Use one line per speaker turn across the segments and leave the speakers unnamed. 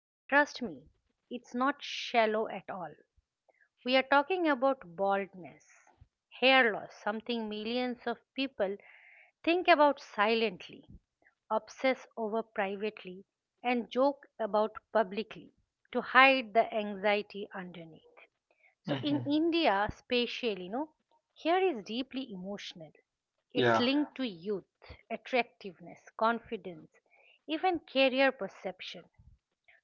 but trust me, it's not shallow at all. We are talking about baldness, hair loss, something millions of people think about silently, obsess over privately, and joke about publicly to hide the anxiety underneath. So
Mhm.
in India, spatially, you know, here is deeply emotional. It's
Yeah,
linked to youth, attractiveness, confidence, even career perception.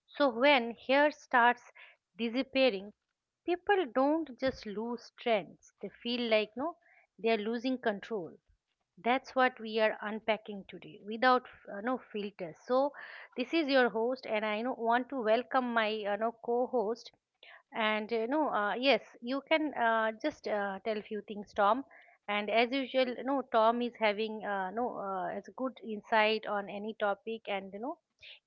So when here starts disappearing, people don't just lose trends. They feel like no, they are losing control. That's what we are unpacking today without no filters. So this is your host, and I know, want to welcome my no, co-host and yes, you can just tell a few things, Tom. And as usual, you know, Tom is having no as good insight on any topic, and you know,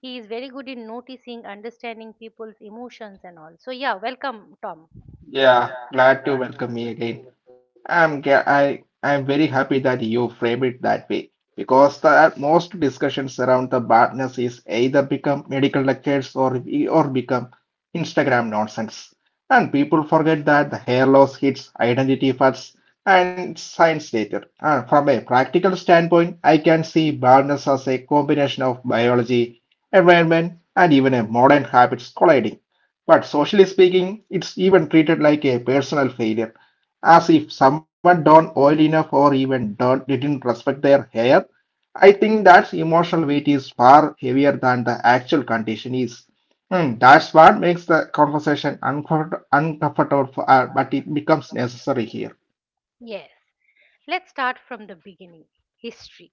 he is very good in noticing, understanding people's emotions and all. So yeah, welcome, Tom.
yeah. Glad to welcome me again. I'm ga- I I'm very happy that you frame it that way because the most discussions around the badness is either become medical lectures or become Instagram nonsense, and people forget that the hair loss hits identity first and science later. And from a practical standpoint, I can see baldness as a combination of biology, environment, and even a modern habits colliding. But socially speaking, it's even treated like a personal failure, as if someone don't oil enough or even don't didn't respect their hair. I think that emotional weight is far heavier than the actual condition is. Hmm, that's what makes the conversation uncomfortable, but it becomes necessary here.
Yes, let's start from the beginning. History.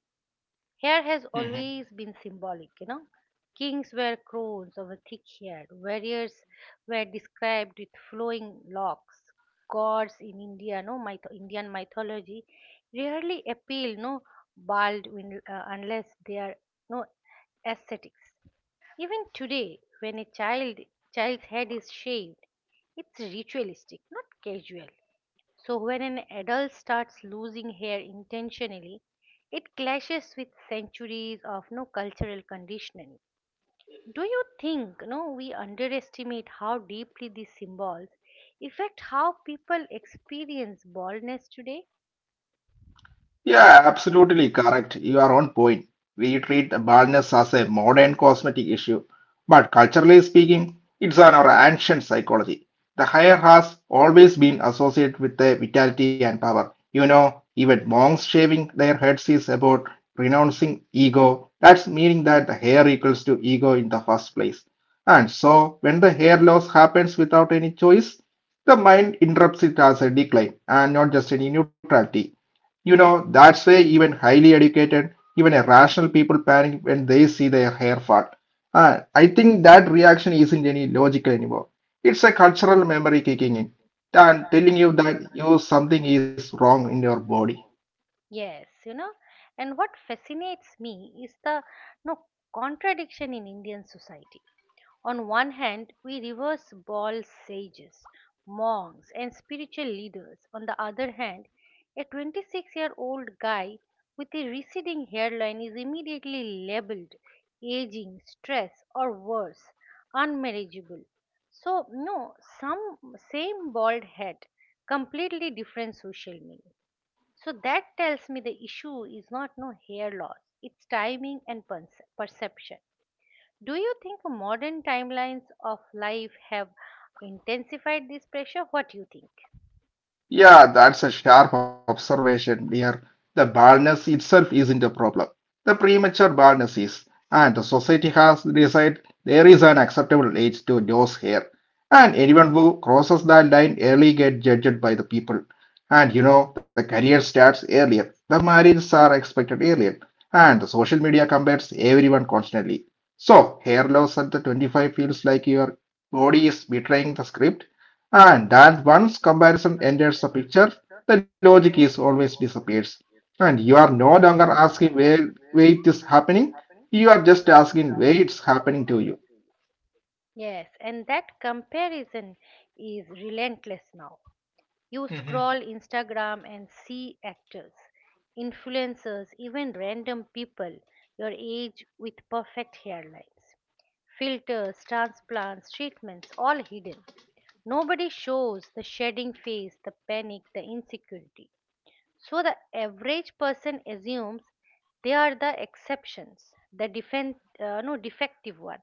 Hair has always been symbolic, you know. Kings wear crowns of a thick hair, warriors were described with flowing locks. Gods in India, no myth- Indian mythology rarely appeal bald unless they are no ascetics. Even today, when a child's head is shaved, it's ritualistic, not casual. So, when an adult starts losing hair intentionally, it clashes with centuries of no cultural conditioning. Do you think no we underestimate how deeply these symbols affect how people experience baldness today?
Yeah, absolutely correct. You are on point. We treat baldness as a modern cosmetic issue, but culturally speaking, it's on our ancient psychology. The hair has always been associated with the vitality and power. You know, even monks shaving their heads is about renouncing ego. That's meaning that the hair equals to ego in the first place. And so, when the hair loss happens without any choice, the mind interprets it as a decline and not just any neutrality. You know, that's why even highly educated, even a rational people panic when they see their hair fall. And I think that reaction isn't any logical anymore. It's a cultural memory kicking in and telling you that you something is wrong in your body.
Yes, you know. And what fascinates me is the no contradiction in Indian society. On one hand we reverse Ball's sages, monks, and spiritual leaders; on the other hand, a 26-year old guy with a receding hairline is immediately labeled aging, stress, or worse, unmarriageable. So, no, some same bald head, completely different social meaning. So that tells me the issue is not no hair loss, it's timing and perception. Do you think modern timelines of life have intensified this pressure? What do you think?
Yeah, that's a sharp observation here. The baldness itself isn't a problem. The premature baldness is, and the society has decided there is an acceptable age to lose hair. And anyone who crosses that line early gets judged by the people. And you know, the career starts earlier, the marriages are expected earlier, and the social media compares everyone constantly. So, hair loss at the 25 feels like your body is betraying the script and that once comparison enters the picture, the logic is always disappears. And you are no longer asking where it is happening, you are just asking where it's happening to you.
Yes, and that comparison is relentless now. You scroll Instagram and see actors, influencers, even random people your age with perfect hairlines, filters, transplants, treatments, all hidden. Nobody shows the shedding face, the panic, the insecurity. So the average person assumes they are the exceptions, the defend, no defective one.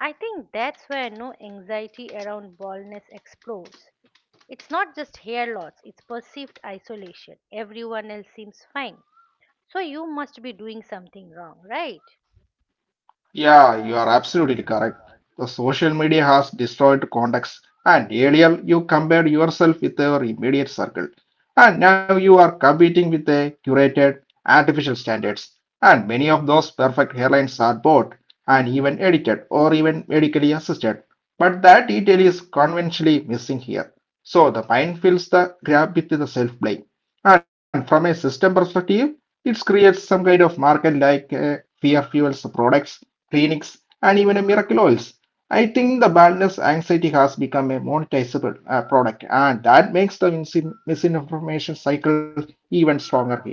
I think that's where no anxiety around baldness explodes. It's not just hair loss, it's perceived isolation. Everyone else seems fine. So you must be doing something wrong, right?
Yeah, you are absolutely correct. The social media has destroyed context, and earlier you compared yourself with your immediate circle, and now you are competing with a curated artificial standards. And many of those perfect hairlines are bought and even edited or even medically assisted. But that detail is conventionally missing here. So the mind fills the gap with the self blame. And from a system perspective, it creates some kind of market like fear fuels products, clinics, and even miracle oils. I think the badness anxiety has become a monetizable product, and that makes the misinformation cycle even stronger here.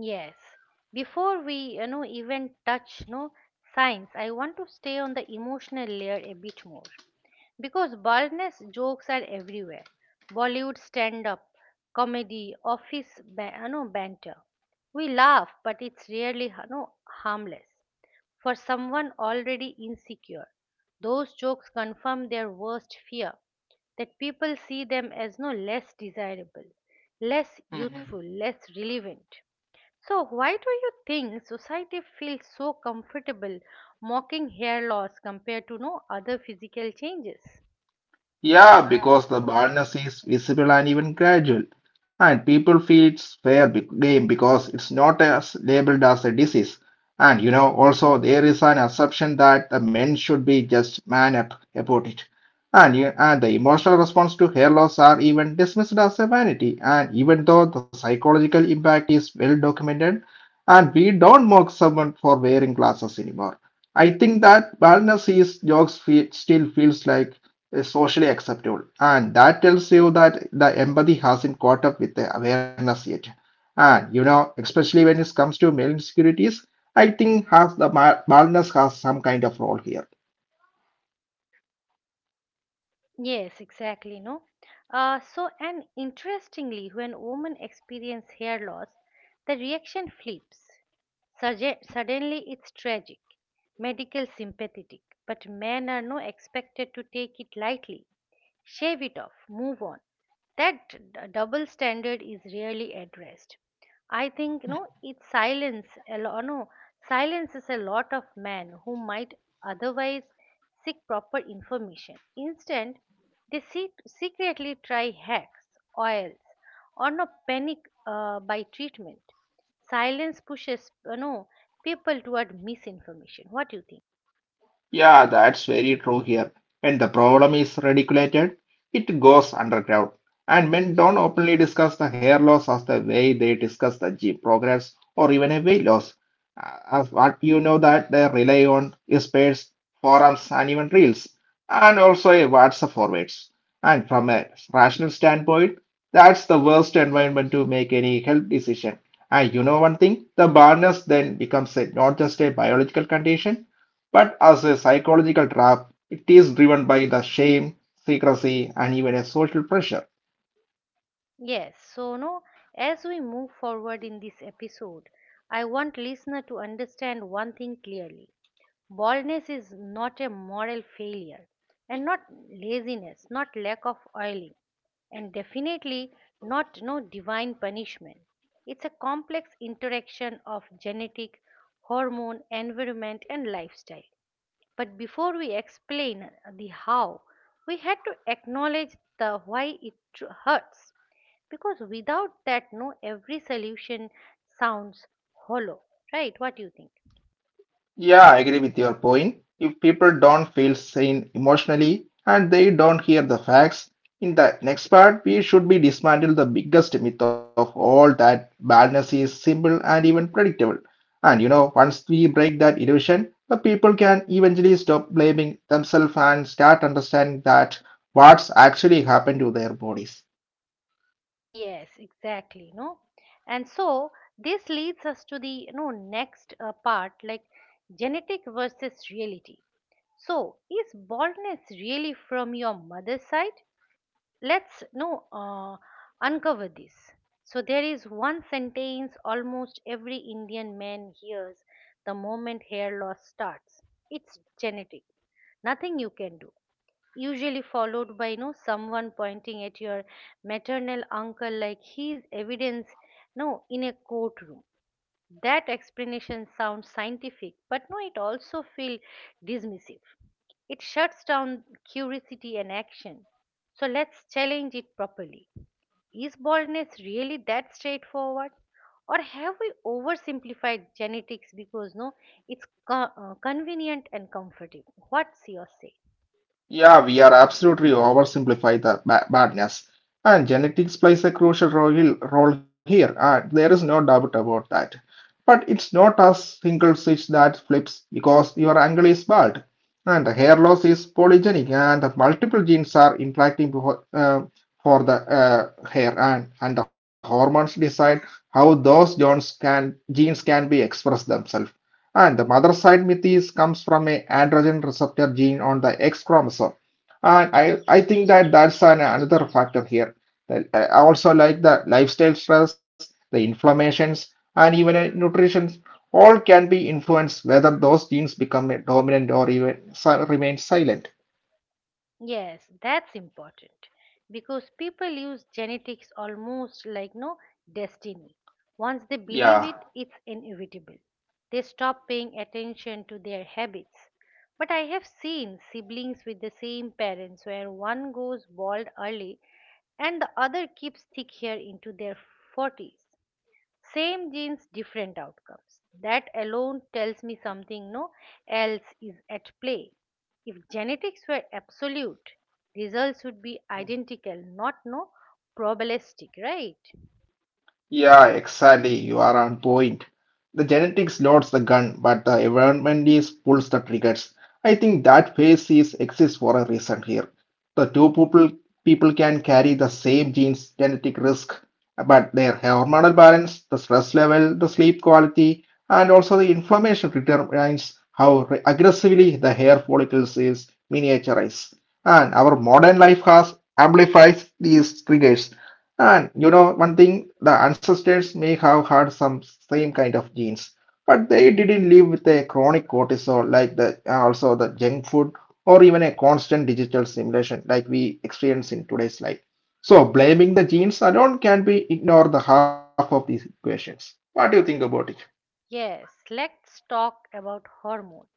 Yes. Before we, you know, even touch no science, I want to stay on the emotional layer a bit more. Because baldness jokes are everywhere. Bollywood stand up, comedy, office banter. We laugh, but it's really, you know, harmless. For someone already insecure, those jokes confirm their worst fear that people see them as no less desirable, less youthful, less relevant. So, why do you think society feels so comfortable mocking hair loss compared to no other physical changes?
Yeah, because the baldness is visible and even gradual, and people feel it's game because it's not as labeled as a disease. And you know, also there is an assumption that the men should be just man up about it. And the emotional response to hair loss are even dismissed as a vanity. And even though the psychological impact is well documented, and we don't mock someone for wearing glasses anymore. I think that baldness is jokes fe still feels like is socially acceptable. And that tells you that the empathy hasn't caught up with the awareness yet. And you know, especially when it comes to male insecurities, I think has the baldness has some kind of role here.
Yes, exactly. No. So and interestingly, when women experience hair loss, the reaction flips. Suddenly, it's tragic, medical sympathetic, but men are no expected to take it lightly. Shave it off, move on. That double standard is rarely addressed. I think, you know, it silence a lo- no silences a lot of men who might otherwise seek proper information. Instead, they seek, secretly try hacks, oils, or no panic by treatment. Silence pushes, you know, people toward misinformation. What do you think?
Yeah, that's very true here. When the problem is radiculated, it goes underground. And men don't openly discuss the hair loss as the way they discuss the G progress or even a weight loss. As what you know that they rely on is pairs, forums, and even reels, and also a WhatsApp forwards. And from a rational standpoint, that's the worst environment to make any health decision. And you know one thing, the barrenness then becomes a, not just a biological condition but as a psychological trap, it is driven by the shame, secrecy, and even a social pressure.
Yes, so no, as we move forward in this episode, I want listener to understand one thing clearly. Baldness is not a moral failure, and not laziness, not lack of oiling, and definitely not no divine punishment. It's a complex interaction of genetic, hormone, environment, and lifestyle. But before we explain the how, we had to acknowledge the why it hurts. Because without that, no, every solution sounds hollow, right? What do you think?
Yeah, I agree with your point. If people don't feel sane emotionally and they don't hear the facts, in the next part, we should be dismantle the biggest myth of all that badness is simple and even predictable. And you know, once we break that illusion, the people can eventually stop blaming themselves and start understanding that what's actually happened to their bodies.
Yes, exactly. No, and so this leads us to the next part, like genetic versus reality. So, is baldness really from your mother's side? Let's no uncover this. So there is one sentence almost every Indian man hears the moment hair loss starts. It's genetic. Nothing you can do, usually followed by, you know, someone pointing at your maternal uncle like he's evidence no in a courtroom. That explanation sounds scientific, but no it also feels dismissive. It shuts down curiosity and action. So let's challenge it properly. Is baldness really that straightforward, or have we oversimplified genetics because no it's convenient and comfortable? What's your say?
Yeah, we are absolutely oversimplify the badness. And genetics plays a crucial role here, and there is no doubt about that. But it's not a single switch that flips because your angle is bad. And the hair loss is polygenic, and the multiple genes are impacting for the hair, and the hormones decide how those genes can be expressed themselves. And the mother side myth is comes from a androgen receptor gene on the X chromosome and I think that another factor here. I also like the lifestyle stress, the inflammations, and even nutrition, all can be influenced whether those genes become dominant or even remain silent.
Yes, that's important because people use genetics almost like no destiny. Once they believe
Yeah.
it, it's inevitable. They stop paying attention to their habits. But I have seen siblings with the same parents where one goes bald early and the other keeps thick hair into their 40s. Same genes, different outcomes. That alone tells me something no else is at play. If genetics were absolute, results would be identical, not no probabilistic, right?
Yeah, exactly. You are on point. The genetics loads the gun, but the environment is pulls the triggers. I think that phase is exists for a reason here. The two people can carry the same genes genetic risk, but their hormonal balance, the stress level, the sleep quality, and also the inflammation determines how aggressively the hair follicles is miniaturized. And our modern life has amplifies these triggers and you know, one thing, the ancestors may have had some same kind of genes, but they didn't live with a chronic cortisol like the also the junk food or even a constant digital stimulation like we experience in today's life. So blaming the genes alone can be ignore the half of these equations. What do you think about it?
Yes, let's talk about hormones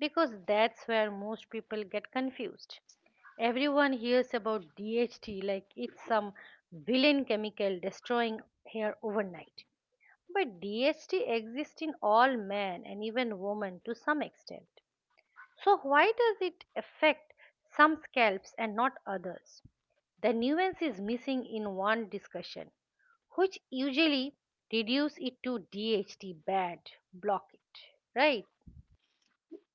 because that's where most people get confused. Everyone hears about DHT like it's some villain chemical destroying hair overnight. But DST exists in all men and even women to some extent. So why does it affect some scalps and not others? The nuance is missing in one discussion, which usually reduce it to DHT bad, block it, right?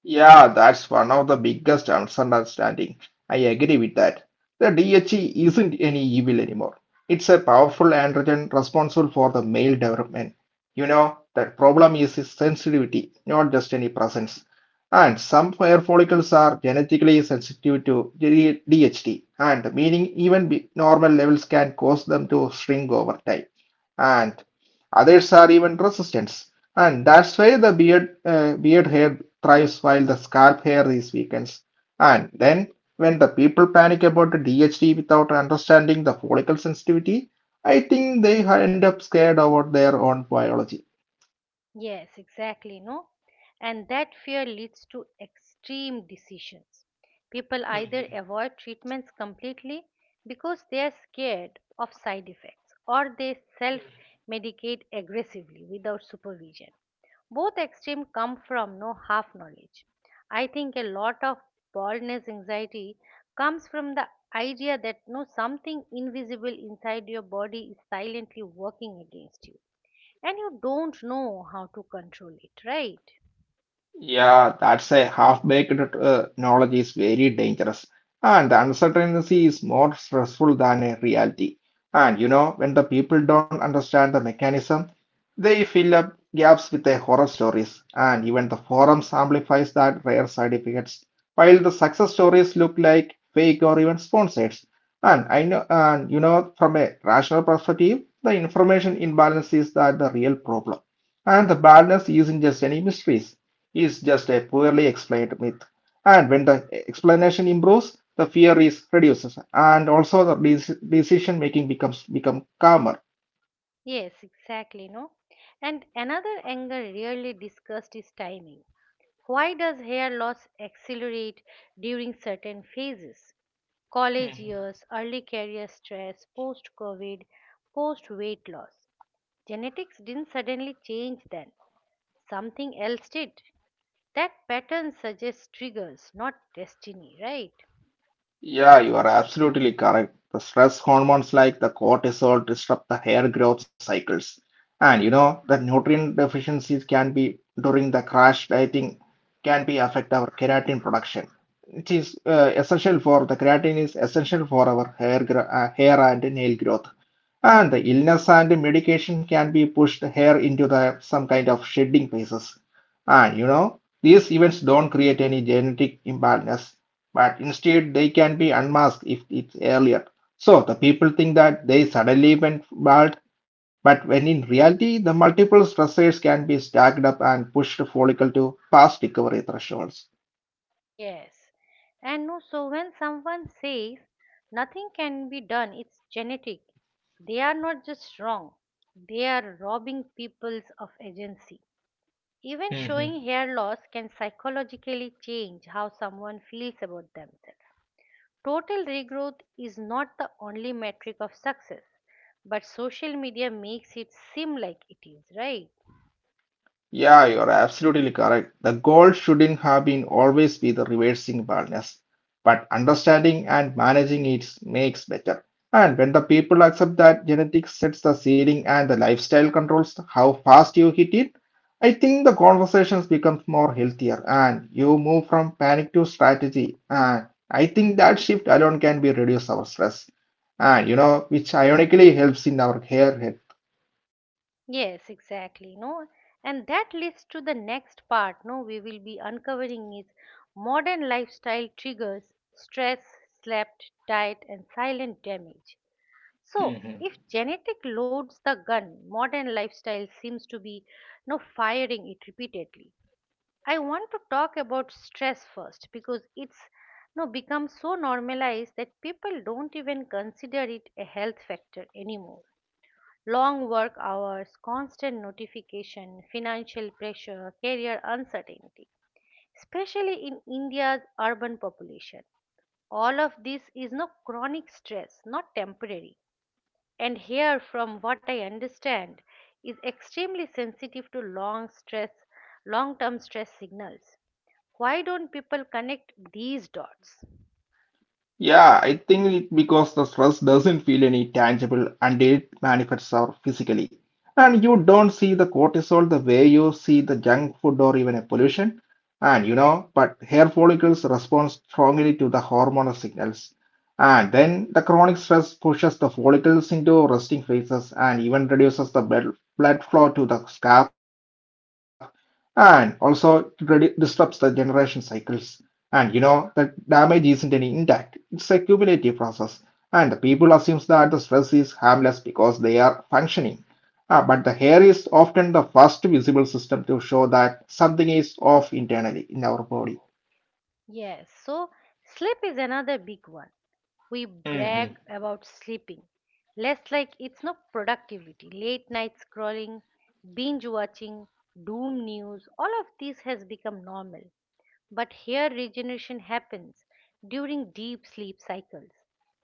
Yeah, that's one of the biggest misunderstanding. I agree with that. The DHE isn't any evil anymore. It's a powerful androgen responsible for the male development. You know, the problem is its sensitivity, not just any presence. And some hair follicles are genetically sensitive to DHT, and meaning even normal levels can cause them to shrink over time. And others are even resistant. And that's why the beard hair thrives while the scalp hair is weakens. And then, when the people panic about the DHT without understanding the follicle sensitivity, I think they end up scared about their own biology.
Yes, exactly, no? And that fear leads to extreme decisions. People either avoid treatments completely because they are scared of side effects, or they self medicate aggressively without supervision. Both extremes come from no half knowledge. I think a lot of baldness anxiety comes from the idea that no something invisible inside your body is silently working against you, and you don't know how to control it, right?
Yeah, that's a half-baked knowledge is very dangerous, and the uncertainty is more stressful than a reality. And you know, when the people don't understand the mechanism, they fill up gaps with their horror stories, and even the forums amplifies that rare certificates, while the success stories look like fake or even sponsored. And you know, from a rational perspective, the information imbalance is that the real problem, and the balance isn't just any mysteries is just a poorly explained myth. And when the explanation improves, the fear is reduces, and also the decision making becomes become calmer.
Yes, exactly, no? And another angle really discussed is timing. Why does hair loss accelerate during certain phases? College
Mhm.
years, early career stress, post covid, post weight loss. Genetics didn't suddenly change then, something else did. That pattern suggests triggers, not destiny, right?
Yeah, you are absolutely correct. The stress hormones like the cortisol disrupt the hair growth cycles. And you know, the nutrient deficiencies can be during the crash dieting can be affect our keratin production. It is essential for the keratin is essential for our hair and nail growth. And the illness and medication can be pushed hair into the some kind of shedding phases. And you know, these events don't create any genetic imbalance, but instead they can be unmasked if it's earlier. So the people think that they suddenly went bald, but when in reality the multiple stressors can be stacked up and pushed follicle to past recovery thresholds.
Yes. And no, so when someone says nothing can be done, it's genetic, they are not just wrong, they are robbing peoples of agency. Even showing hair loss can psychologically change how someone feels about themselves. Total regrowth is not the only metric of success, but social media makes it seem like it is, right?
Yeah, you're absolutely correct. The goal shouldn't have been always be the reversing badness, but understanding and managing it makes better. And when the people accept that genetics sets the ceiling and the lifestyle controls how fast you hit it, I think the conversations become more healthier and you move from panic to strategy. And I think that shift alone can be reduce our stress. And you know, which ironically helps in our hair.
Yes, exactly. No, and that leads to the next part. No, we will be uncovering is modern lifestyle triggers, stress, slept, diet, and silent damage. So, if genetic loads the gun, modern lifestyle seems to be no firing it repeatedly. I want to talk about stress first because it's no become so normalized that people don't even consider it a health factor anymore. Long work hours, constant notification, financial pressure, career uncertainty, especially in India's urban population. All of this is chronic stress, not temporary. And here, from what I understand, is extremely sensitive to long-term stress signals. Why don't people connect these dots?
Yeah, I think it because the stress doesn't feel any tangible and it manifests out physically. And you don't see the cortisol the way you see the junk food or even a pollution. And you know, but hair follicles respond strongly to the hormonal signals. And then the chronic stress pushes the follicles into resting phases and even reduces the blood flow to the scalp and also it disrupts the generation cycles. And you know, the damage isn't any intact, it's a cumulative process. And the people assumes that the stress is harmless because they are functioning. Ah, but the hair is often the first visible system to show that something is off internally in our body.
Yes, so sleep is another big one. We brag about sleeping less like it's no productivity. Late night scrolling, binge watching, doom news, all of this has become normal. But here regeneration happens during deep sleep cycles.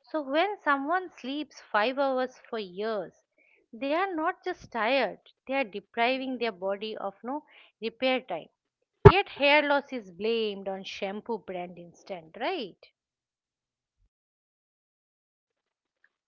So when someone sleeps 5 hours for years, they are not just tired, they are depriving their body of no repair time. Yet hair loss is blamed on shampoo brand instead, right?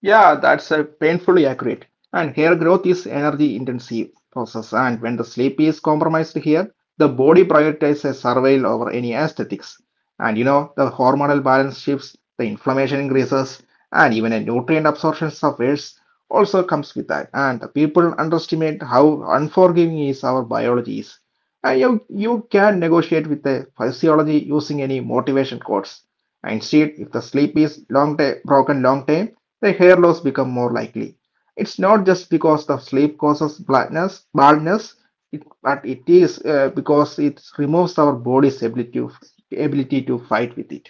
Yeah, that's a painfully accurate. And hair growth is energy intensive process, and when the sleep is compromised here, the body prioritizes survival over any aesthetics. And you know, the hormonal balance shifts, the inflammation increases, and even a nutrient absorption suffers also comes with that. And the people underestimate how unforgiving is our biology is. And you can negotiate with the physiology using any motivation quotes. Instead, if the sleep is broken long time, the hair loss become more likely. It's not just because the sleep causes blindness, baldness, it, but it is because it removes our body's ability to fight with it.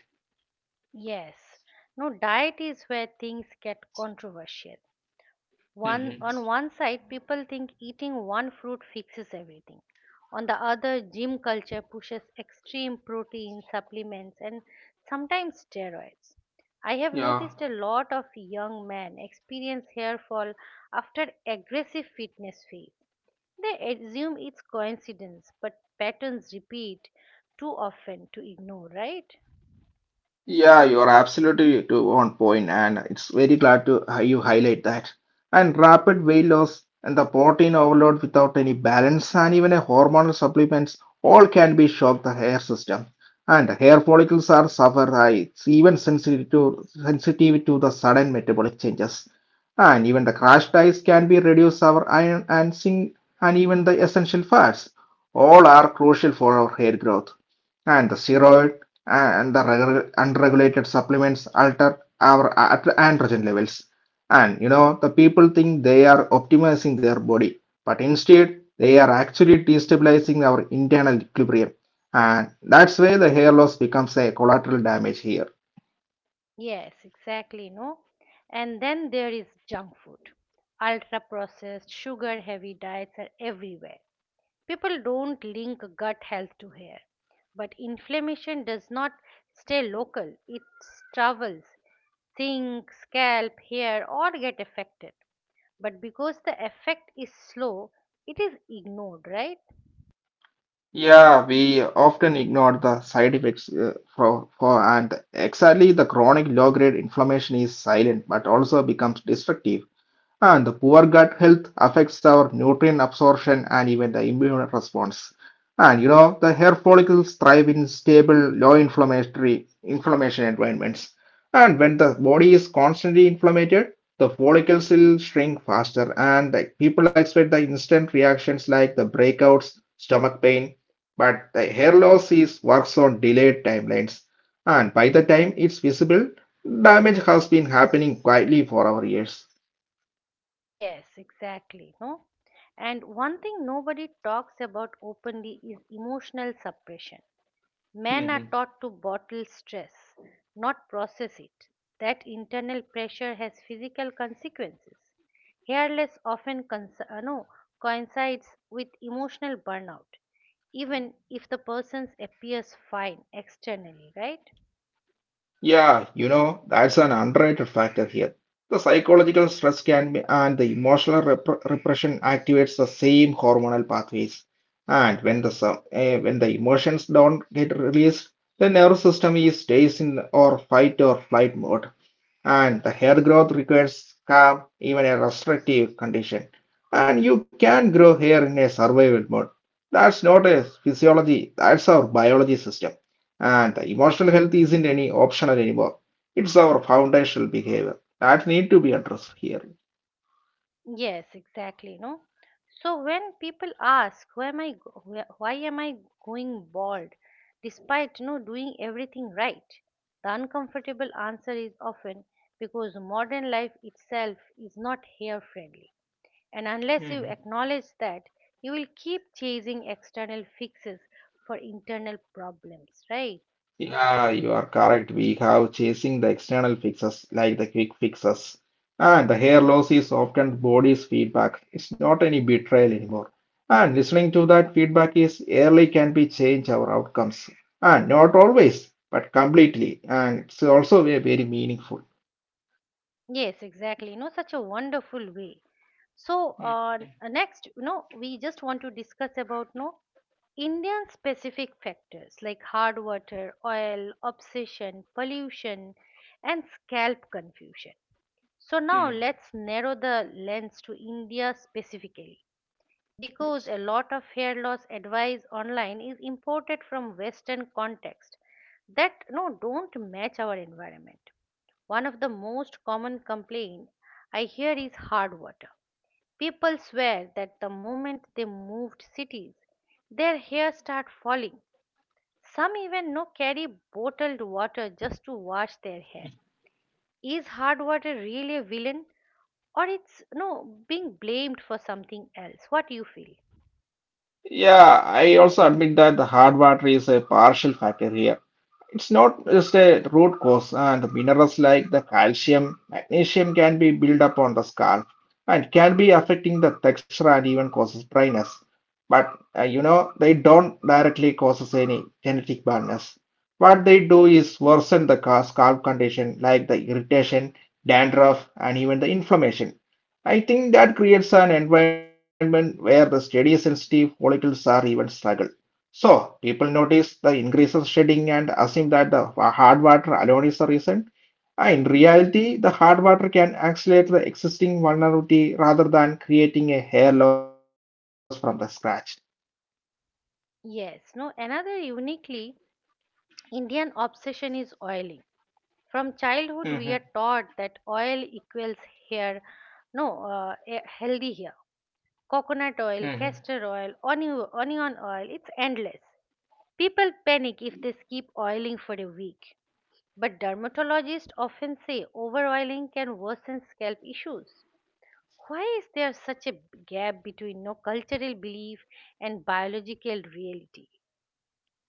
Yes. No, diet is where things get controversial. One
Hmm.
on one side, people think eating one fruit fixes everything. On the other, gym culture pushes extreme protein supplements and sometimes steroids. I have
Yeah.
noticed a lot of young men experience hair fall after aggressive fitness phase. They assume it's coincidence, but patterns repeat too often to ignore, right?
Yeah, you're absolutely to on point, and it's very glad to you highlight that. And rapid weight loss and the protein overload without any balance and even a hormonal supplements all can be shock the hair system. And hair follicles are suffer high. It's even sensitive to the sudden metabolic changes. And even the crash diets can be reduce our iron and zinc and even the essential fats. All are crucial for our hair growth, and the steroid and the unregulated supplements alter our androgen levels. And you know, the people think they are optimizing their body, but instead, they are actually destabilizing our internal equilibrium. And that's where the hair loss becomes a collateral damage here.
Yes, exactly, no? And then there is junk food. Ultra processed, sugar heavy diets are everywhere. People don't link gut health to hair, but inflammation does not stay local, it travels, sink, scalp, hair, or get affected. But because the effect is slow, it is ignored, right?
Yeah, we often ignore the side effects for and exactly the chronic low grade inflammation is silent but also becomes destructive. And the poor gut health affects our nutrient absorption and even the immune response. And you know, the hair follicles thrive in stable, low inflammatory inflammation environments. And when the body is constantly inflamed, the follicles will shrink faster, and like, people expect the instant reactions like the breakouts, stomach pain. But the hair loss is works on delayed timelines, and by the time it's visible, damage has been happening quietly for our years.
Yes, exactly, no? And one thing nobody talks about openly is emotional suppression. Men are taught to bottle stress, not process it. That internal pressure has physical consequences. Hairless often cons- no, coincides with emotional burnout, even if the person appears fine externally, right?
Yeah, you know, that's an underrated factor here. The psychological stress can be, and the emotional repression activates the same hormonal pathways. And when the when the emotions don't get released, the nervous system is stays in or fight or flight mode, and the hair growth requires calm, even a restrictive condition. And you can grow hair in a survival mode. That's not a physiology, that's our biology system. And the emotional health isn't any optional anymore. It's our foundational behavior that need to be addressed here.
Yes, exactly. No. So when people ask, why am I going bald, despite, you know, doing everything right, the uncomfortable answer is often because modern life itself is not hair friendly, and unless you
Mhm.
acknowledge that, you will keep chasing external fixes for internal problems, right?
Yeah, you are correct. We have chasing the external fixes like the quick fixes. And the hair loss is often the body's feedback. It's not any betrayal anymore. And listening to that feedback is early can be change our outcomes. And not always, but completely. And it's also very, very meaningful.
Yes, exactly. You know, such a wonderful way. So
Mm.
uh, next, you know, we just want to discuss about no Indian specific factors like hard water, oil, obsession, pollution, and scalp confusion. So now
Mm.
let's narrow the lens to India specifically, because a
Yes.
lot of hair loss advice online is imported from western context that don't match our environment. One of the most common complaint I hear is hard water. People swear that the moment they moved cities, their hair start falling. Some even no carry bottled water just to wash their hair. Is hard water really a villain, or it's no being blamed for something else? What do you feel?
Yeah, I also admit that the hard water is a partial factor here. It's not just a root cause, and minerals like the calcium, magnesium can be built up on the scalp and can be affecting the texture and even causes dryness. But you know, they don't directly causes any genetic baldness. What they do is worsen the scalp condition like the irritation, dandruff, and even the inflammation. I think that creates an environment where the steady sensitive follicles are even struggle. So, people notice the increases shedding and assume that the hard water alone is the reason. In reality, the hard water can accelerate the existing vulnerability rather than creating a hair loss from the scratch.
Yes, no, another uniquely Indian obsession is oiling. From
Mm-hmm.
childhood, we are taught that oil equals hair, no, eh, healthy hair. Coconut oil, castor oil, onion oil, it's endless. People panic if they skip oiling for a week. But dermatologists often say overoiling can worsen scalp issues. Why is there such a gap between no cultural belief and biological reality?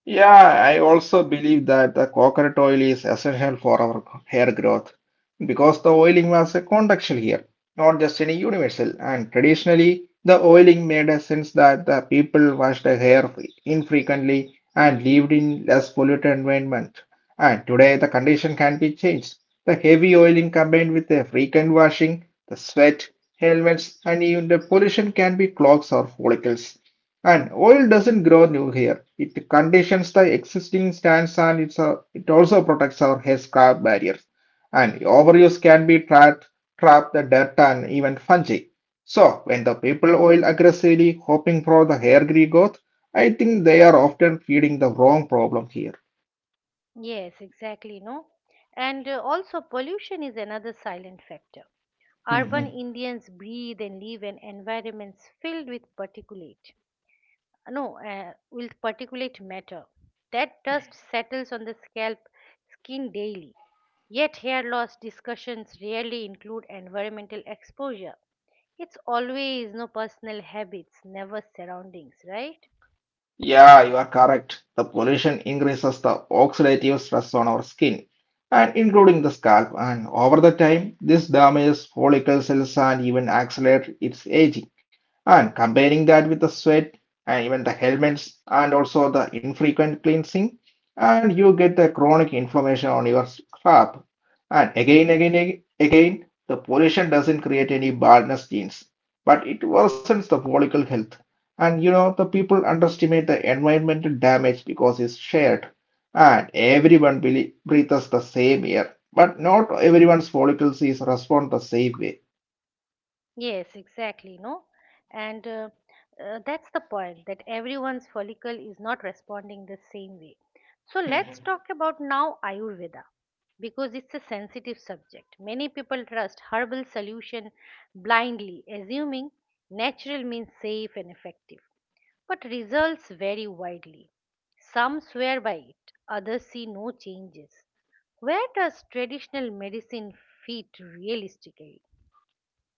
Yeah, I also believe that the coconut oil is essential for our hair growth because the oiling was a contextual here, not just any universal. And traditionally, the oiling made a sense that the people washed their hair infrequently and lived in less polluted environment. And today, the condition can be changed. The heavy oiling combined with the frequent washing, the sweat, helmets, and even the pollution can be clogs or follicles. And oil doesn't grow new here. It conditions the existing stands, and it's a, it also protects our hair scalp barriers. And overuse can be trapped, trap the dirt and even fungi. So when the people oil aggressively hoping for the hair growth, I think they are often feeding the wrong problem here.
Yes, exactly, no? And also, pollution is another silent factor. Urban
Mhm.
Indians breathe and live in environments filled with particulate, no, with particulate matter. That dust settles on the scalp, skin daily. Yet, hair loss discussions rarely include environmental exposure. It's always personal habits, never surroundings, right?
Yeah, you are correct. The pollution increases the oxidative stress on our skin and including the scalp, and over the time this damages follicle cells and even accelerates its aging. And comparing that with the sweat and even the helmets and also the infrequent cleansing, and you get the chronic inflammation on your scalp. And again, the pollution doesn't create any baldness genes, but it worsens the follicle health, and you know, the people underestimate the environmental damage because it's shared and everyone breathes the same air. But not everyone's follicles is respond the same way.
Yes, exactly, no? And that's the point that everyone's follicle is not responding the same way. So let's talk about now Ayurveda, because it's a sensitive subject. Many people trust herbal solution blindly, assuming natural means safe and effective. But results vary widely. Some swear by it, others see no changes. Where does traditional medicine fit realistically?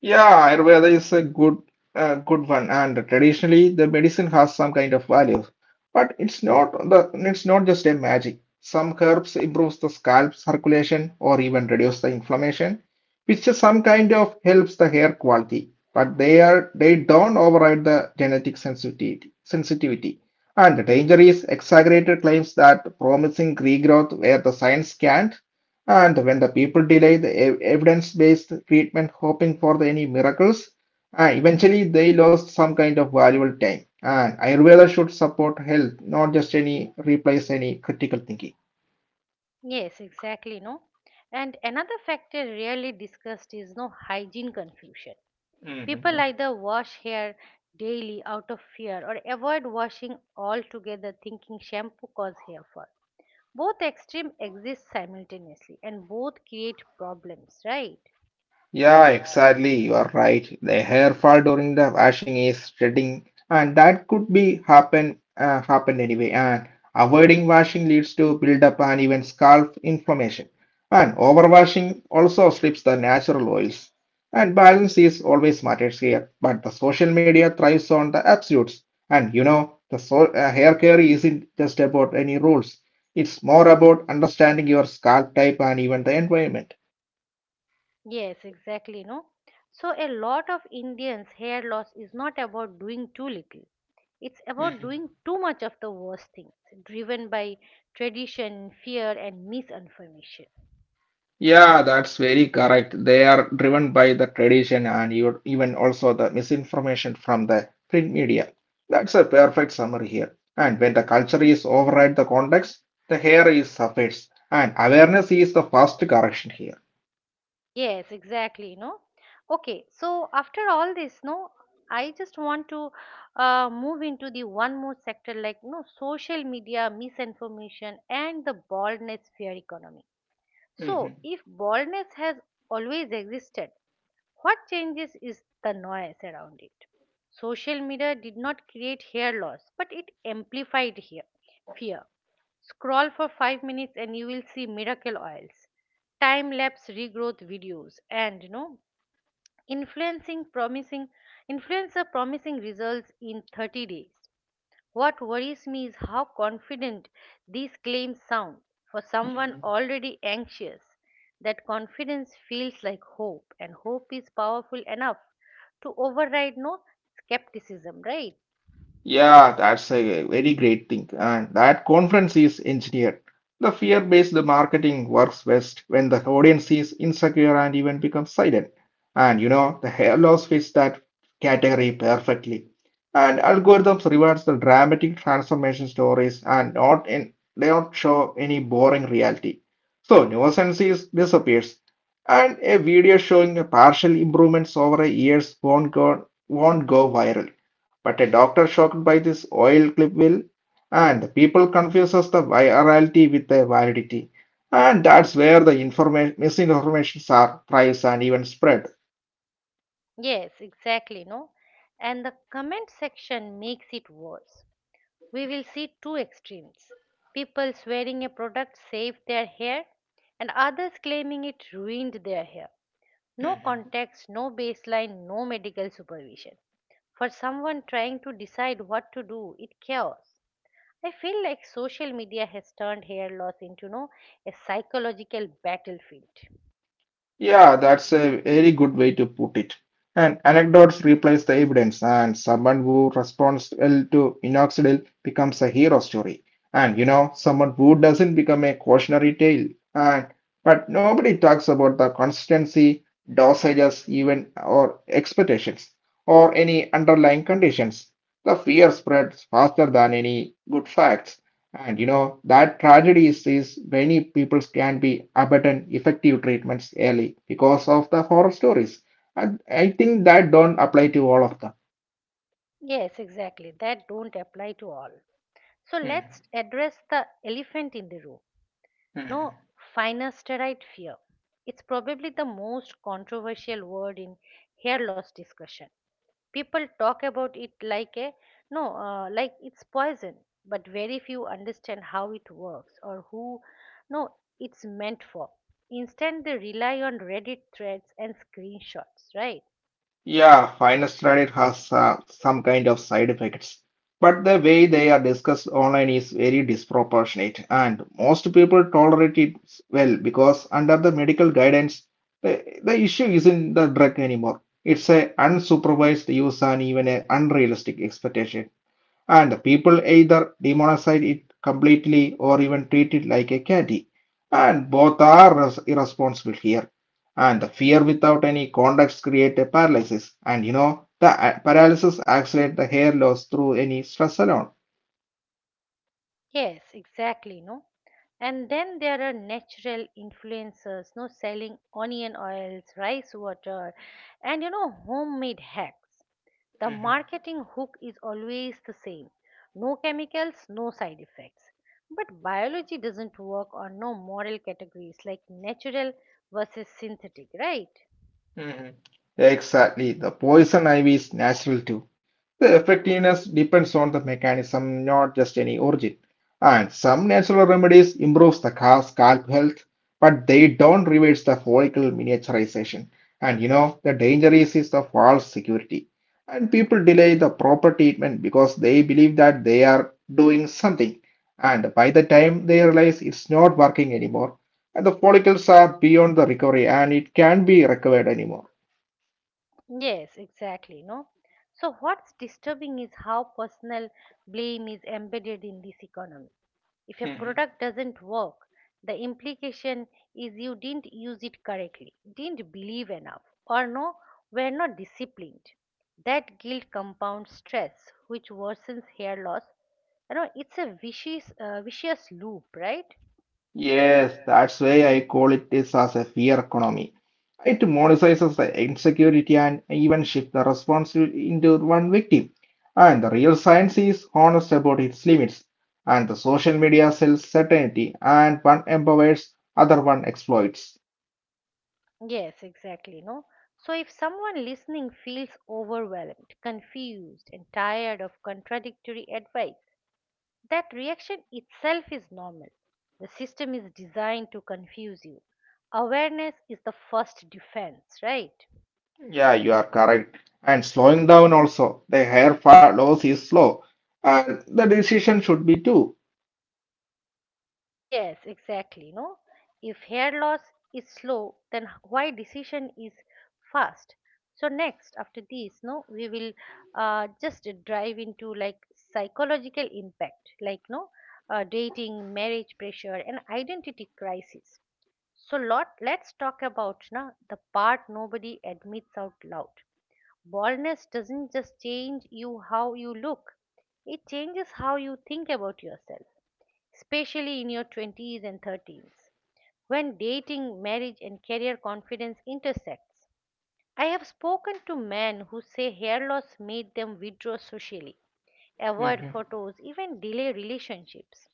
Yeah, Ayurveda is a good one, and traditionally the medicine has some kind of value, but it's not just a magic. Some herbs improves the scalp circulation or even reduce the inflammation, which is some kind of helps the hair quality. But they don't override the genetic sensitivity. And the danger is exaggerated claims that promising regrowth where the science can't. And when the people delay the evidence-based treatment, hoping for the, any miracles, eventually they lost some kind of valuable time. And Ayurveda should support health, not just any replace any critical thinking.
Yes, exactly, no. And another factor rarely discussed is no hygiene confusion. People
Mhm.
either wash hair daily out of fear or avoid washing altogether thinking shampoo cause hair fall. Both extreme exist simultaneously and both create problems, right?
Yeah, exactly. You are right. The hair fall during the washing is shedding, and that could be happen anyway. And avoiding washing leads to build up and even scalp inflammation. And overwashing also strips the natural oils. And balance is always matters here. But the social media thrives on the absolutes. And you know, the so hair care isn't just about any rules. It's more about understanding your scalp type and even the environment.
Yes, exactly, no? So a lot of Indians' hair loss is not about doing too little. It's about doing too much of the worst things, driven by tradition, fear, and misinformation.
Yeah, that's very correct. They are driven by the tradition and you- even also the misinformation from the print media. That's a perfect summary here. And when the culture is override the context, the hair is suffers. And awareness is the first correction here.
Yes, exactly, no? Okay, so after all this, no, I just want to move into the one more sector like no social media, misinformation, and the baldness fear economy. So, if baldness has always existed, what changes is the noise around it. Social media did not create hair loss, but it amplified hair, fear. Scroll for 5 minutes and you will see miracle oils, time lapse regrowth videos, and you know, influencing promising influencer promising results in 30 days. What worries me is how confident these claims sound for someone
Mhm.
already anxious. That confidence feels like hope, and hope is powerful enough to override no skepticism, right?
Yeah, that's a very great thing. And that conference is engineered. The fear-based marketing works best when the audience is insecure and even becomes silent. And you know, the hair loss fits that category perfectly. And algorithms rewards the dramatic transformation stories, and not in they don't show any boring reality. So nuisance is disappears. And a video showing a partial improvements over a years won't go viral. But a doctor shocked by this oil clip will, and people confuses the virality with the validity. And that's where the misinformations are thrives and even spread.
Yes, exactly, no. And the comment section makes it worse. We will see two extremes. People swearing a product saved their hair and others claiming it ruined their hair. No context, no baseline, no medical supervision. For someone trying to decide what to do, it chaos. I feel like social media has turned hair loss into no a psychological battlefield.
Yeah, that's a very good way to put it. And anecdotes replace the evidence, and someone who responds well to minoxidil becomes a hero story. And you know, someone who doesn't become a cautionary tale. And but nobody talks about the consistency, dosages, even or expectations, or any underlying conditions. The fear spreads faster than any good facts. And you know, that tragedy is many people can be abandon effective treatments early because of the horror stories. And I think that don't apply to all of them.
Yes, exactly. That don't apply to all. So let's
Mhm.
address the elephant in the room, no,
Mhm.
finasteride fear. It's probably the most controversial word in hair loss discussion. People talk about it like a no, like it's poison, but very few understand how it works or who no it's meant for. Instead, they rely on Reddit threads and screenshots, right?
Yeah, I understand it has some kind of side effects, but the way they are discussed online is very disproportionate, and most people tolerate it well because under the medical guidance, the issue isn't the drug anymore. It's a unsupervised use and even an unrealistic expectation, and people either demonize it completely or even treat it like a candy. And both are irresponsible here. And the fear without any context create a paralysis. And you know, the paralysis accelerate the hair loss through any stress alone.
Yes, exactly, no. And then there are natural influencers, no selling onion oils, rice water, and you know homemade hacks. The marketing hook is always the same. No chemicals, no side effects. But biology doesn't work on no moral categories like natural versus synthetic, right?
Mhm. Exactly. The poison ivy is natural too. The effectiveness depends on the mechanism, not just any origin. And some natural remedies improves the scalp health, but they don't reverse the follicle miniaturization. And you know, the danger is the false security. And people delay the proper treatment because they believe that they are doing something. And by the time they realize it's not working anymore, and the follicles are beyond the recovery and it can't be recovered anymore.
Yes, exactly, no? So what's disturbing is how personal blame is embedded in this economy. If a
Mhm.
product doesn't work, the implication is you didn't use it correctly, didn't believe enough, or no, were not disciplined. That guilt compounds stress, which worsens hair loss. You know, it's a vicious loop, right?
Yes, that's why I call it this as a fear economy. It monetizes the insecurity and even shift the responsibility into one victim. And the real science is honest about its limits. And the social media sells certainty, and one empowers, other one exploits.
Yes, exactly. No. So if someone listening feels overwhelmed, confused, and tired of contradictory advice, that reaction itself is normal. The system is designed to confuse you. Awareness is the first defense, right?
Yeah, you are correct. And slowing down also, the hair fall loss is slow, and the decision should be too.
Yes, exactly. No, if hair loss is slow, then why decision is fast? So next, after this, no, we will just drive into like psychological impact, like no, dating, marriage pressure, and identity crisis. So let's talk about na the part nobody admits out loud. Baldness doesn't just change you how you look; it changes how you think about yourself especially in your 20s and 30s, when dating, marriage, and career confidence intersects. I have spoken to men who say hair loss made them withdraw socially, avoid photos, even delay relationships.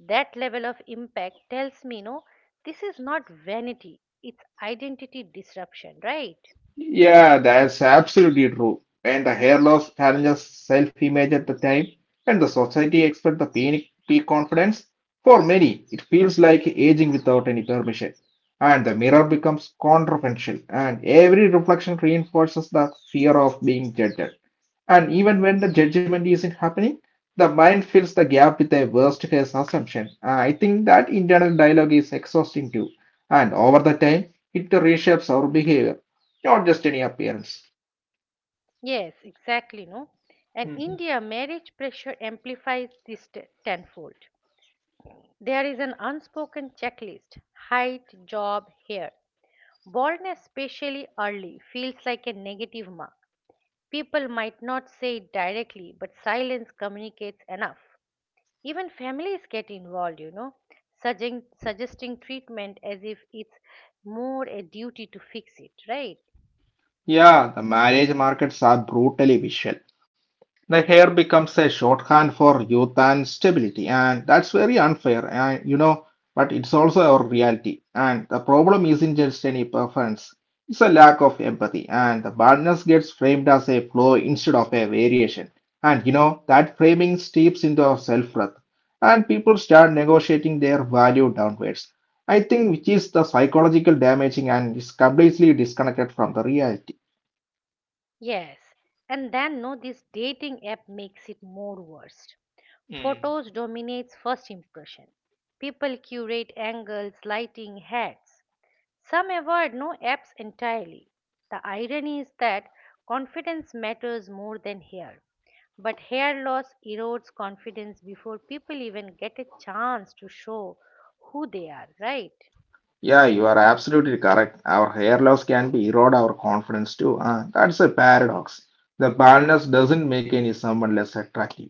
That level of impact tells me, no, this is not vanity, it's identity disruption, right?
Yeah, that's absolutely true. And the hair loss challenges self-image at the time, and the society expects the peak confidence, for many, it feels like aging without any permission. And the mirror becomes controversial, and every reflection reinforces the fear of being judged. And even when the judgment isn't happening, the mind fills the gap with a worst case assumption. I think that internal dialogue is exhausting too. And over the time, it reshapes our behavior not just any appearance.
Yes, exactly, no. And
Mhm.
India marriage pressure amplifies this tenfold. There is an unspoken checklist: height, job, hair. Baldness, especially early, feels like a negative mark. People might not say it directly, but silence communicates enough. Even families get involved, you know, suggesting treatment as if it's more a duty to fix it, right?
Yeah, the marriage markets are brutally visual. The hair becomes a shorthand for youth and stability, and that's very unfair, and you know, but it's also our reality. And the problem isn't just any preference, it's a lack of empathy, and the badness gets framed as a flaw instead of a variation. And you know, that framing steeps into our self-worth, and people start negotiating their value downwards. I think which is the psychological damaging and is completely disconnected from the reality.
Yes. And then, no, this dating app makes it more worse. Photos dominates first impression. People curate angles, lighting, hats. Some avoid no apps entirely. The irony is that confidence matters more than hair. But hair loss erodes confidence before people even get a chance to show who they are, right?
Yeah, you are absolutely correct. Our hair loss can be erode our confidence too. That's a paradox. The baldness doesn't make any someone less attractive,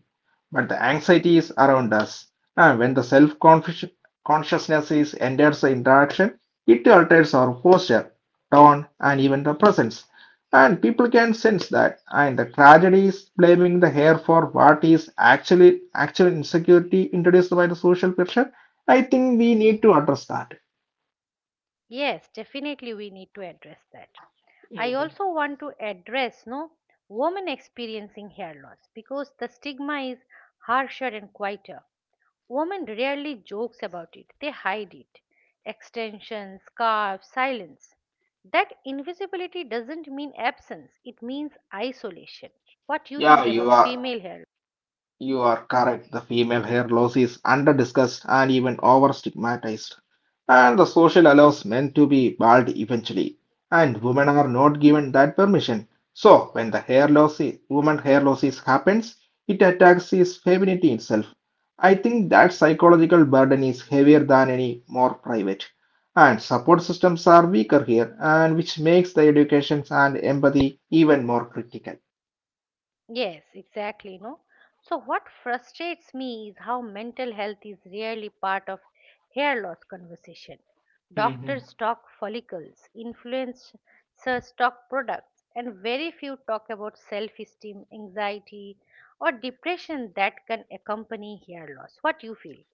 but the anxiety is around us. When the self consciousness is enters the interaction, it alters our posture, tone, and even the presence. And people can sense that. And the tragedy is blaming the hair for what is actual insecurity introduced by the social pressure. I think we need to address that.
Yes, definitely we need to address that. I also want to address no women experiencing hair loss, because the stigma is harsher and quieter. Women rarely jokes about it, they hide it. Extensions, scarves, silence. That invisibility doesn't mean absence, it means isolation. What do you
Yeah,
think
you
about
are
female hair?
you are correct. The female hair loss is under discussed and even over stigmatized. And the social allows men to be bald eventually. And women are not given that permission. So when the hair loss woman hair losses happens, it attacks his femininity itself. I think that psychological burden is heavier than any more private. And support systems are weaker here, and which makes the education and empathy even more critical.
Yes, exactly, no? So what frustrates me is how mental health is rarely part of hair loss conversation. Doctors talk follicles, influencers talk products, and very few talk about self-esteem, anxiety, or depression that can accompany hair loss. What do you feel?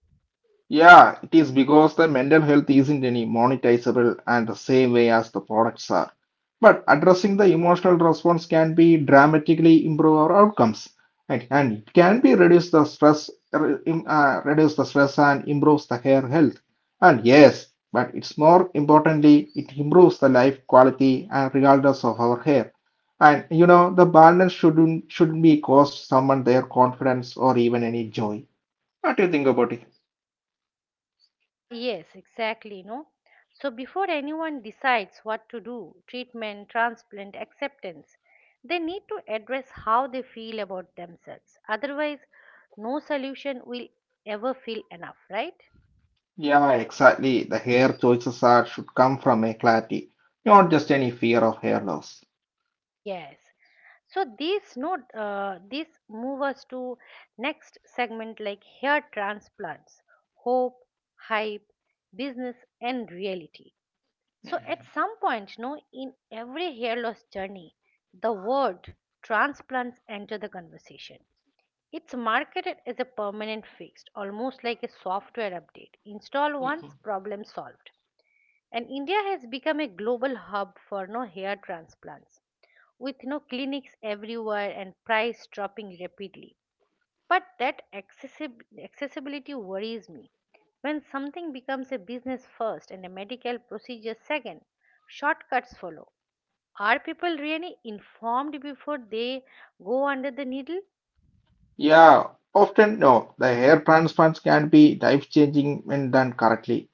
Yeah, it is because the mental health isn't any monetizable and the same way as the products are. But addressing the emotional response can be dramatically improve our outcomes and, it can be reduce the stress, reduce the stress and improves the hair health. And yes, but it's more importantly, it improves the life quality and regardless of our hair. And you know, the balance shouldn't be cost someone their confidence or even any joy. What do you think about it?
Ah, yes, exactly, no? So before anyone decides what to do, treatment, transplant, acceptance, they need to address how they feel about themselves. Otherwise, no solution will ever feel enough, right?
Yeah, exactly. The hair choices are should come from a clarity, not just any fear of hair loss.
Yes. So this note, this move us to next segment like hair transplants, hope, hype, business, and reality. So at
Mhm.
some point, no, in every hair loss journey, the word transplants enter the conversation. It's marketed as a permanent fix, almost like a software update. Install
Mhm.
once, problem solved. And India has become a global hub for hair transplants, with no clinics everywhere and price dropping rapidly. But that accessibility worries me. When something becomes a business first and a medical procedure second, shortcuts follow. Are people really informed before they go under the needle?
Yeah, often no. The hair transplants can be life-changing when done correctly,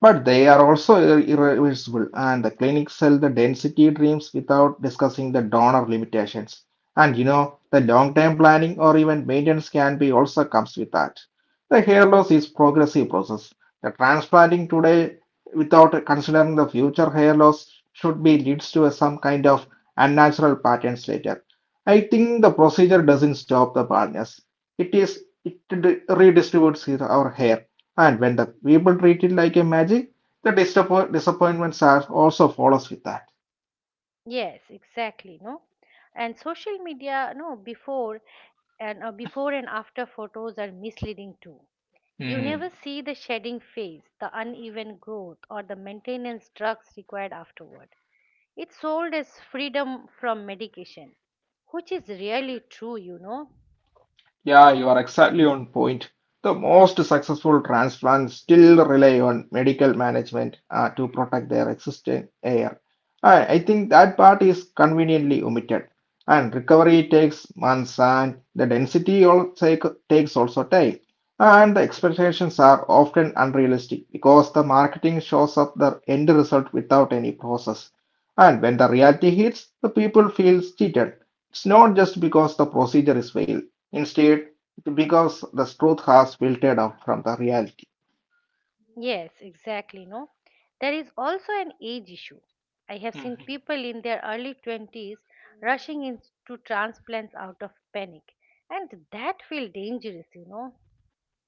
but they are also irreversible, and the clinics sell the density dreams without discussing the donor limitations. And you know, the long-term planning or even maintenance can be also comes with that. The hair loss is progressive process. The transplanting today without considering the future hair loss should be leads to some kind of unnatural patterns later. I think the procedure doesn't stop the baldness. It is redistributes our hair, and when the people treat it like a magic, the disappointments are also follows with that.
Yes, exactly, no. And social media, no, before and after photos are misleading too. You never see the shedding phase, the uneven growth, or the maintenance drugs required afterward. It's sold as freedom from medication, which is really true, you know.
Yeah, you are exactly on point. The most successful transplants still rely on medical management to protect their existing air. I think that part is conveniently omitted. And recovery takes months, and the takes also time. And the expectations are often unrealistic because the marketing shows up the end result without any process. And when the reality hits, the people feels cheated. It's not just because the procedure is failed. Instead, because the truth has filtered out from the reality.
Yes, exactly, no. There is also an age issue. I have seen people in their early 20s rushing into transplants out of panic, and that feels dangerous, you know.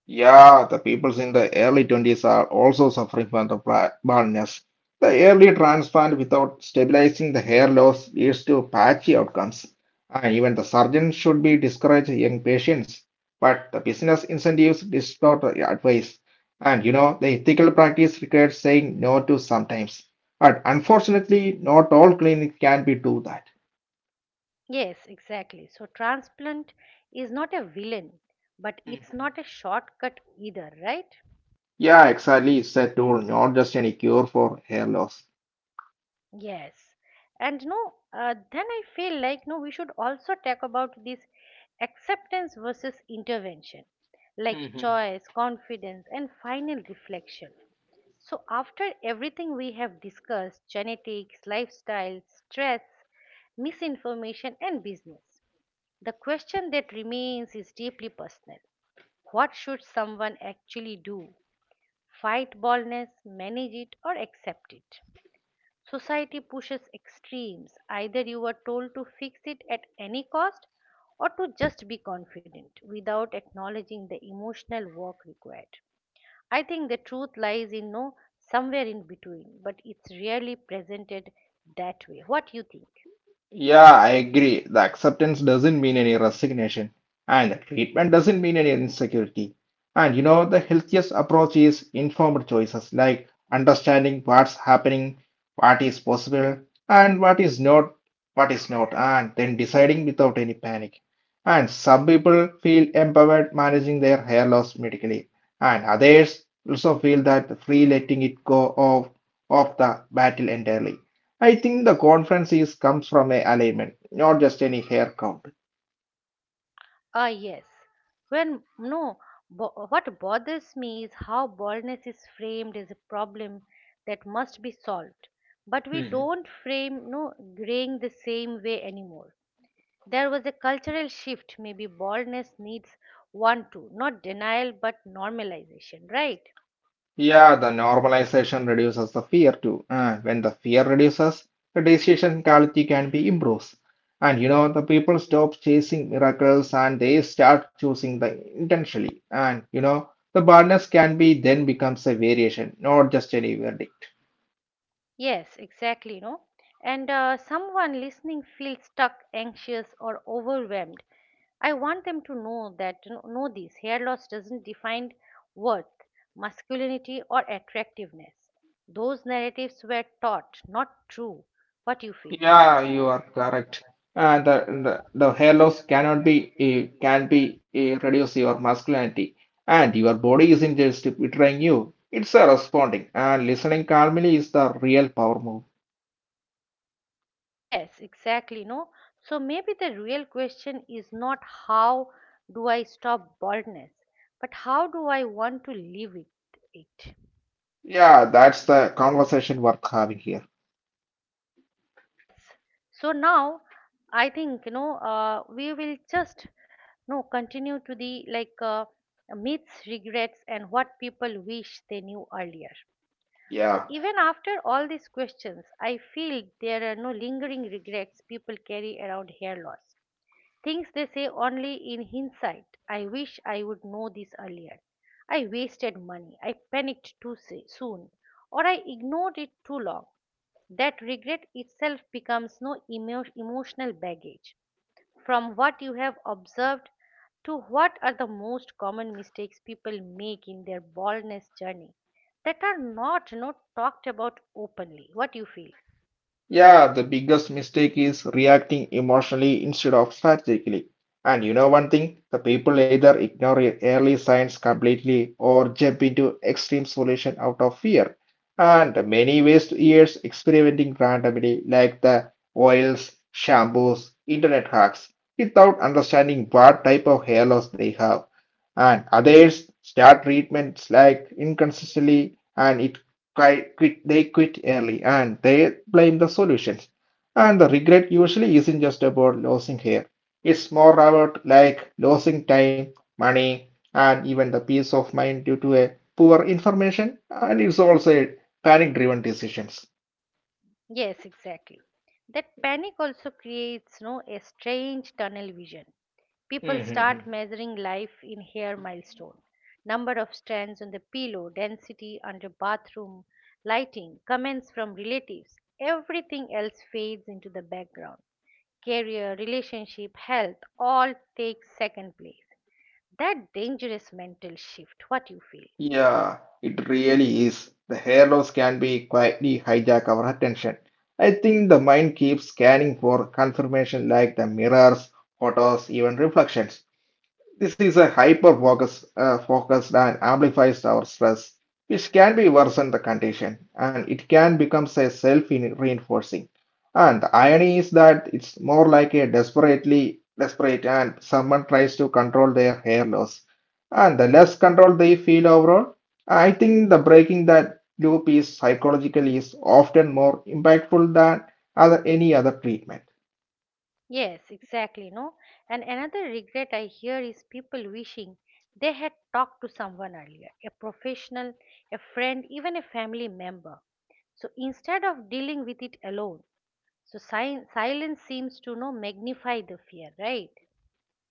Yeah, the peoples in the early 20s are also suffering from the baldness. The early transplant without stabilizing the hair loss leads to patchy outcomes. And even the surgeon should be discourage young patients. But the business incentives distort the advice. And you know, the ethical practice requires saying no to sometimes. But unfortunately, not all clinics can be do that.
Yes, exactly. So, transplant is not a villain, but it's not a shortcut either, right?
Yeah, exactly. It's a tool, not just any cure for hair loss.
Yes, and no, then I feel like no, we should also talk about this acceptance versus intervention, like choice, confidence, and final reflection. So, after everything we have discussed genetics, lifestyle, stress, misinformation, and business the question that remains is deeply personal. What should someone actually do? Fight baldness, manage it, or accept it? Society pushes extremes. Either you are told to fix it at any cost or to just be confident without acknowledging the emotional work required. I think the truth lies in no somewhere in between, but it's rarely presented that way. What do you think?
Yeah, I agree. The acceptance doesn't mean any resignation, and the treatment doesn't mean any insecurity. And you know, the healthiest approach is informed choices, like understanding what's happening, what is possible, and what is not, and then deciding without any panic. And some people feel empowered managing their hair loss medically, and others also feel that free letting it go off of the battle entirely. I think the conference is comes from a alignment, not just any hair count.
Ah, yes. When no, what bothers me is how baldness is framed as a problem that must be solved, but we don't frame no graying the same way anymore. There was a cultural shift. Maybe baldness needs one too, not denial but normalization, right?
Yeah, the normalization reduces the fear too. And when the fear reduces, the decision quality can be improved. And you know, the people stop chasing miracles and they start choosing the intentionally. And you know, the barrenness can be then becomes a variation, not just any verdict.
Yes, exactly. You know, and someone listening feels stuck, anxious, or overwhelmed. I want them to know that you know this hair loss doesn't define worth, masculinity, or attractiveness. Those narratives were taught, not true. What you feel?
Yeah, you are correct. The hair loss cannot be can be reduce your masculinity, and your body isn't just betraying you. It's a responding and listening calmly is the real power move.
Yes, exactly. No, so maybe the real question is not how do I stop baldness, but how do I want to live with it?
Yeah, that's the conversation worth having here.
Yes. So now I think you know we will just no continue to the like myths, regrets, and what people wish they knew earlier. So
Yeah.
even after all these questions, I feel there are no lingering regrets people carry around hair loss. Things they say only in hindsight. I wish I would know this earlier. I wasted money. I panicked too soon. Or I ignored it too long. That regret itself becomes no emotional baggage. From what you have observed to what are the most common mistakes people make in their baldness journey that are not talked about openly. What do you feel?
Yeah, the biggest mistake is reacting emotionally instead of strategically. And you know one thing, the people either ignore early signs completely or jump into extreme solution out of fear. And many waste years experimenting randomly, like the oils, shampoos, internet hacks, without understanding what type of hair loss they have. And others start treatments like inconsistently, and it quite quit they quit early and they blame the solutions. And the regret usually isn't just about losing hair. It's more about like losing time, money, and even the peace of mind due to a poor information and it's also a panic driven decisions.
Yes, exactly. That panic also creates no a strange tunnel vision. People start measuring life in hair milestone, number of strands on the pillow, density under bathroom, lighting, comments from relatives. Everything else fades into the background. Career, relationship, health all take second place. That dangerous mental shift, what you feel.
Yeah, it really is. The hair loss can be quietly hijack our attention. I think the mind keeps scanning for confirmation like the mirrors, photos, even reflections. This is a focused and amplifies our stress, which can be worsen the condition and it can become a self reinforcing. And the irony is that it's more like a desperately desperate and someone tries to control their hair loss. And the less control they feel overall, I think the breaking that loop is psychologically is often more impactful than any other treatment.
Yes, exactly, no? And another regret I hear is people wishing they had talked to someone earlier, a professional, a friend, even a family member. So instead of dealing with it alone, so silence seems to no magnify the fear, right?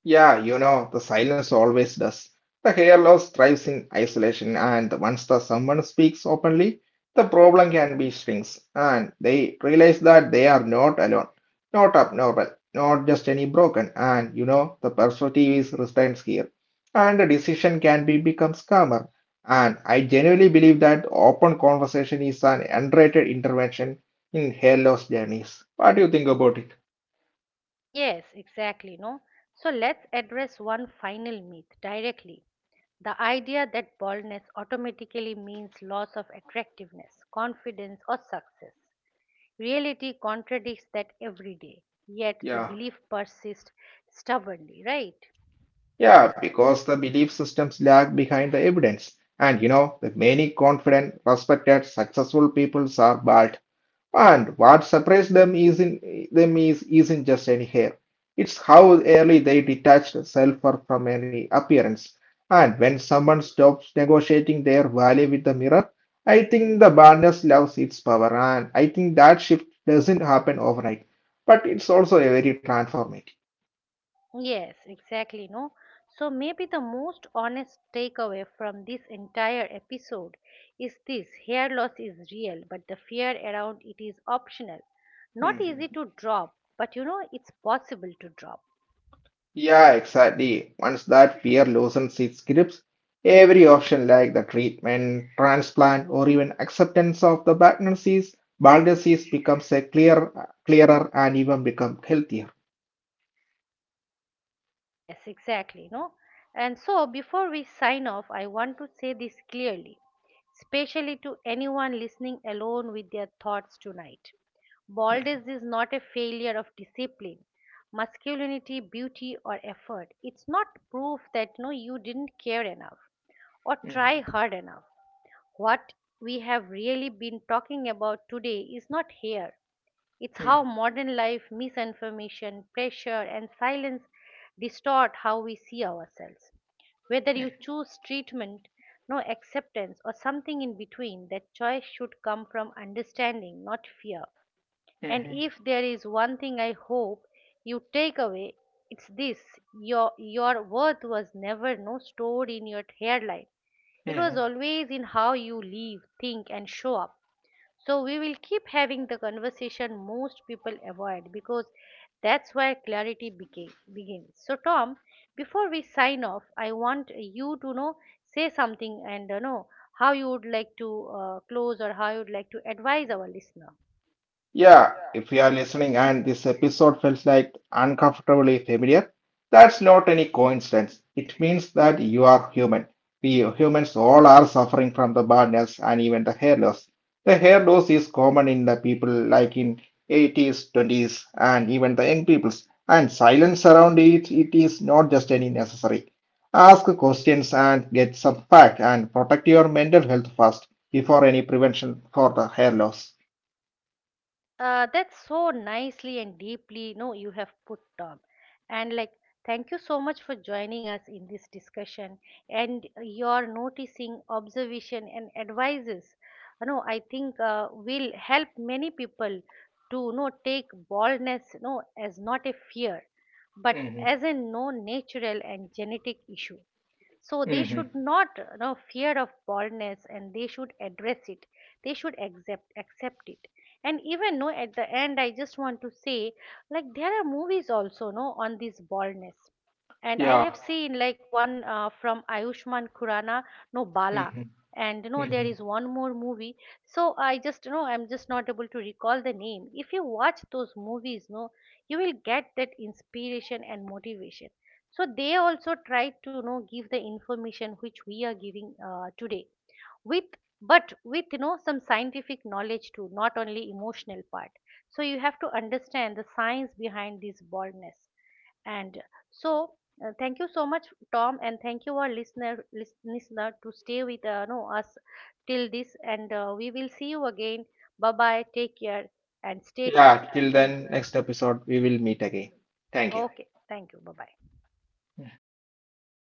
Yeah, you know, the silence always does. The hair loss thrives in isolation, and once the someone speaks openly, the problem can be shrinks, and they realize that they are not alone, not abnormal, not just any broken, and you know, the perspective is retains here, and the decision can be becomes calmer. And I genuinely believe that open conversation is an underrated intervention in hair loss journeys. What do you think about it?
Yes, exactly, no? So let's address one final myth directly. The idea that baldness automatically means loss of attractiveness, confidence, or success. Reality contradicts that every day, yet the
Yeah.
belief persists stubbornly, right?
Yeah, because the belief systems lag behind the evidence. And you know, the many confident, respected, successful people are bald. And what separates them is in them is isn't just any hair. It's how early they detached self worth from any appearance. And when someone stops negotiating their value with the mirror, I think the baldness loves its power. And I think that shift doesn't happen overnight, but it's also a very transformative.
Yes, exactly, no? So maybe the most honest takeaway from this entire episode is this hair loss is real, but the fear around it is optional. Not easy
Mhm.
to drop, but it's possible to drop.
Yeah, exactly. Once that fear loosens its grips, every option like the treatment, transplant, or even acceptance of the diagnosis, bald disease becomes a clearer and even become healthier.
Yes, exactly, no? And so before we sign off, I want to say this clearly. Especially to anyone listening alone with their thoughts tonight.
Mm,
Baldness is not a failure of discipline, masculinity, beauty, or effort. It's not proof that no, you didn't care enough or try
mm,
hard enough. What we have really been talking about today is not here. It's how
mm.
modern life, misinformation, pressure, and silence distort how we see ourselves. Whether you choose treatment, no acceptance, or something in between, that choice should come from understanding, not fear. And if there is one thing I hope you take away, it's this your worth was never no stored in your hairline, it was always in how you live, think, and show up. So we will keep having the conversation most people avoid because that's where clarity begins. So Tom, before we sign off, I want you to know say something and know how you would like to close or how you would like to advise our listener.
Yeah, if you are listening and this episode felt like uncomfortably familiar, that's not any coincidence. It means that you are human. We humans all are suffering from the baldness and even the hair loss. The hair loss is common in the people like in 80s, 20s, and even the young peoples. And silence around it, it is not just any necessary. Ask questions and get some fact and protect your mental health first before any prevention for the hair loss.
That's so nicely and deeply, no, you have put Tom. And like, thank you so much for joining us in this discussion and your noticing, observation, and advices. You know, I think will help many people to no take baldness, no as not a fear, but as
Mhm.
a no natural and genetic issue so they
Mhm.
should not fear of baldness and they should address it they should accept it and even no at the end I just want to say like there are movies also no on this baldness and I
Yeah.
have seen like one from Ayushman Khurrana, no Bala
Hmm.
and you know there is
Hmm.
one more movie so I just I'm just not able to recall the name if you watch those movies no you will get that inspiration and motivation so they also try to give the information which we are giving today with but with some scientific knowledge too not only emotional part so you have to understand the science behind this baldness and so thank you so much Tom and thank you our listener listener to stay with no, us till this and we will see you again bye bye take care and stay
Yeah.
tuned
Till
thank you.
then, next episode, we will meet again. Thank you.
Okay, thank you, bye bye.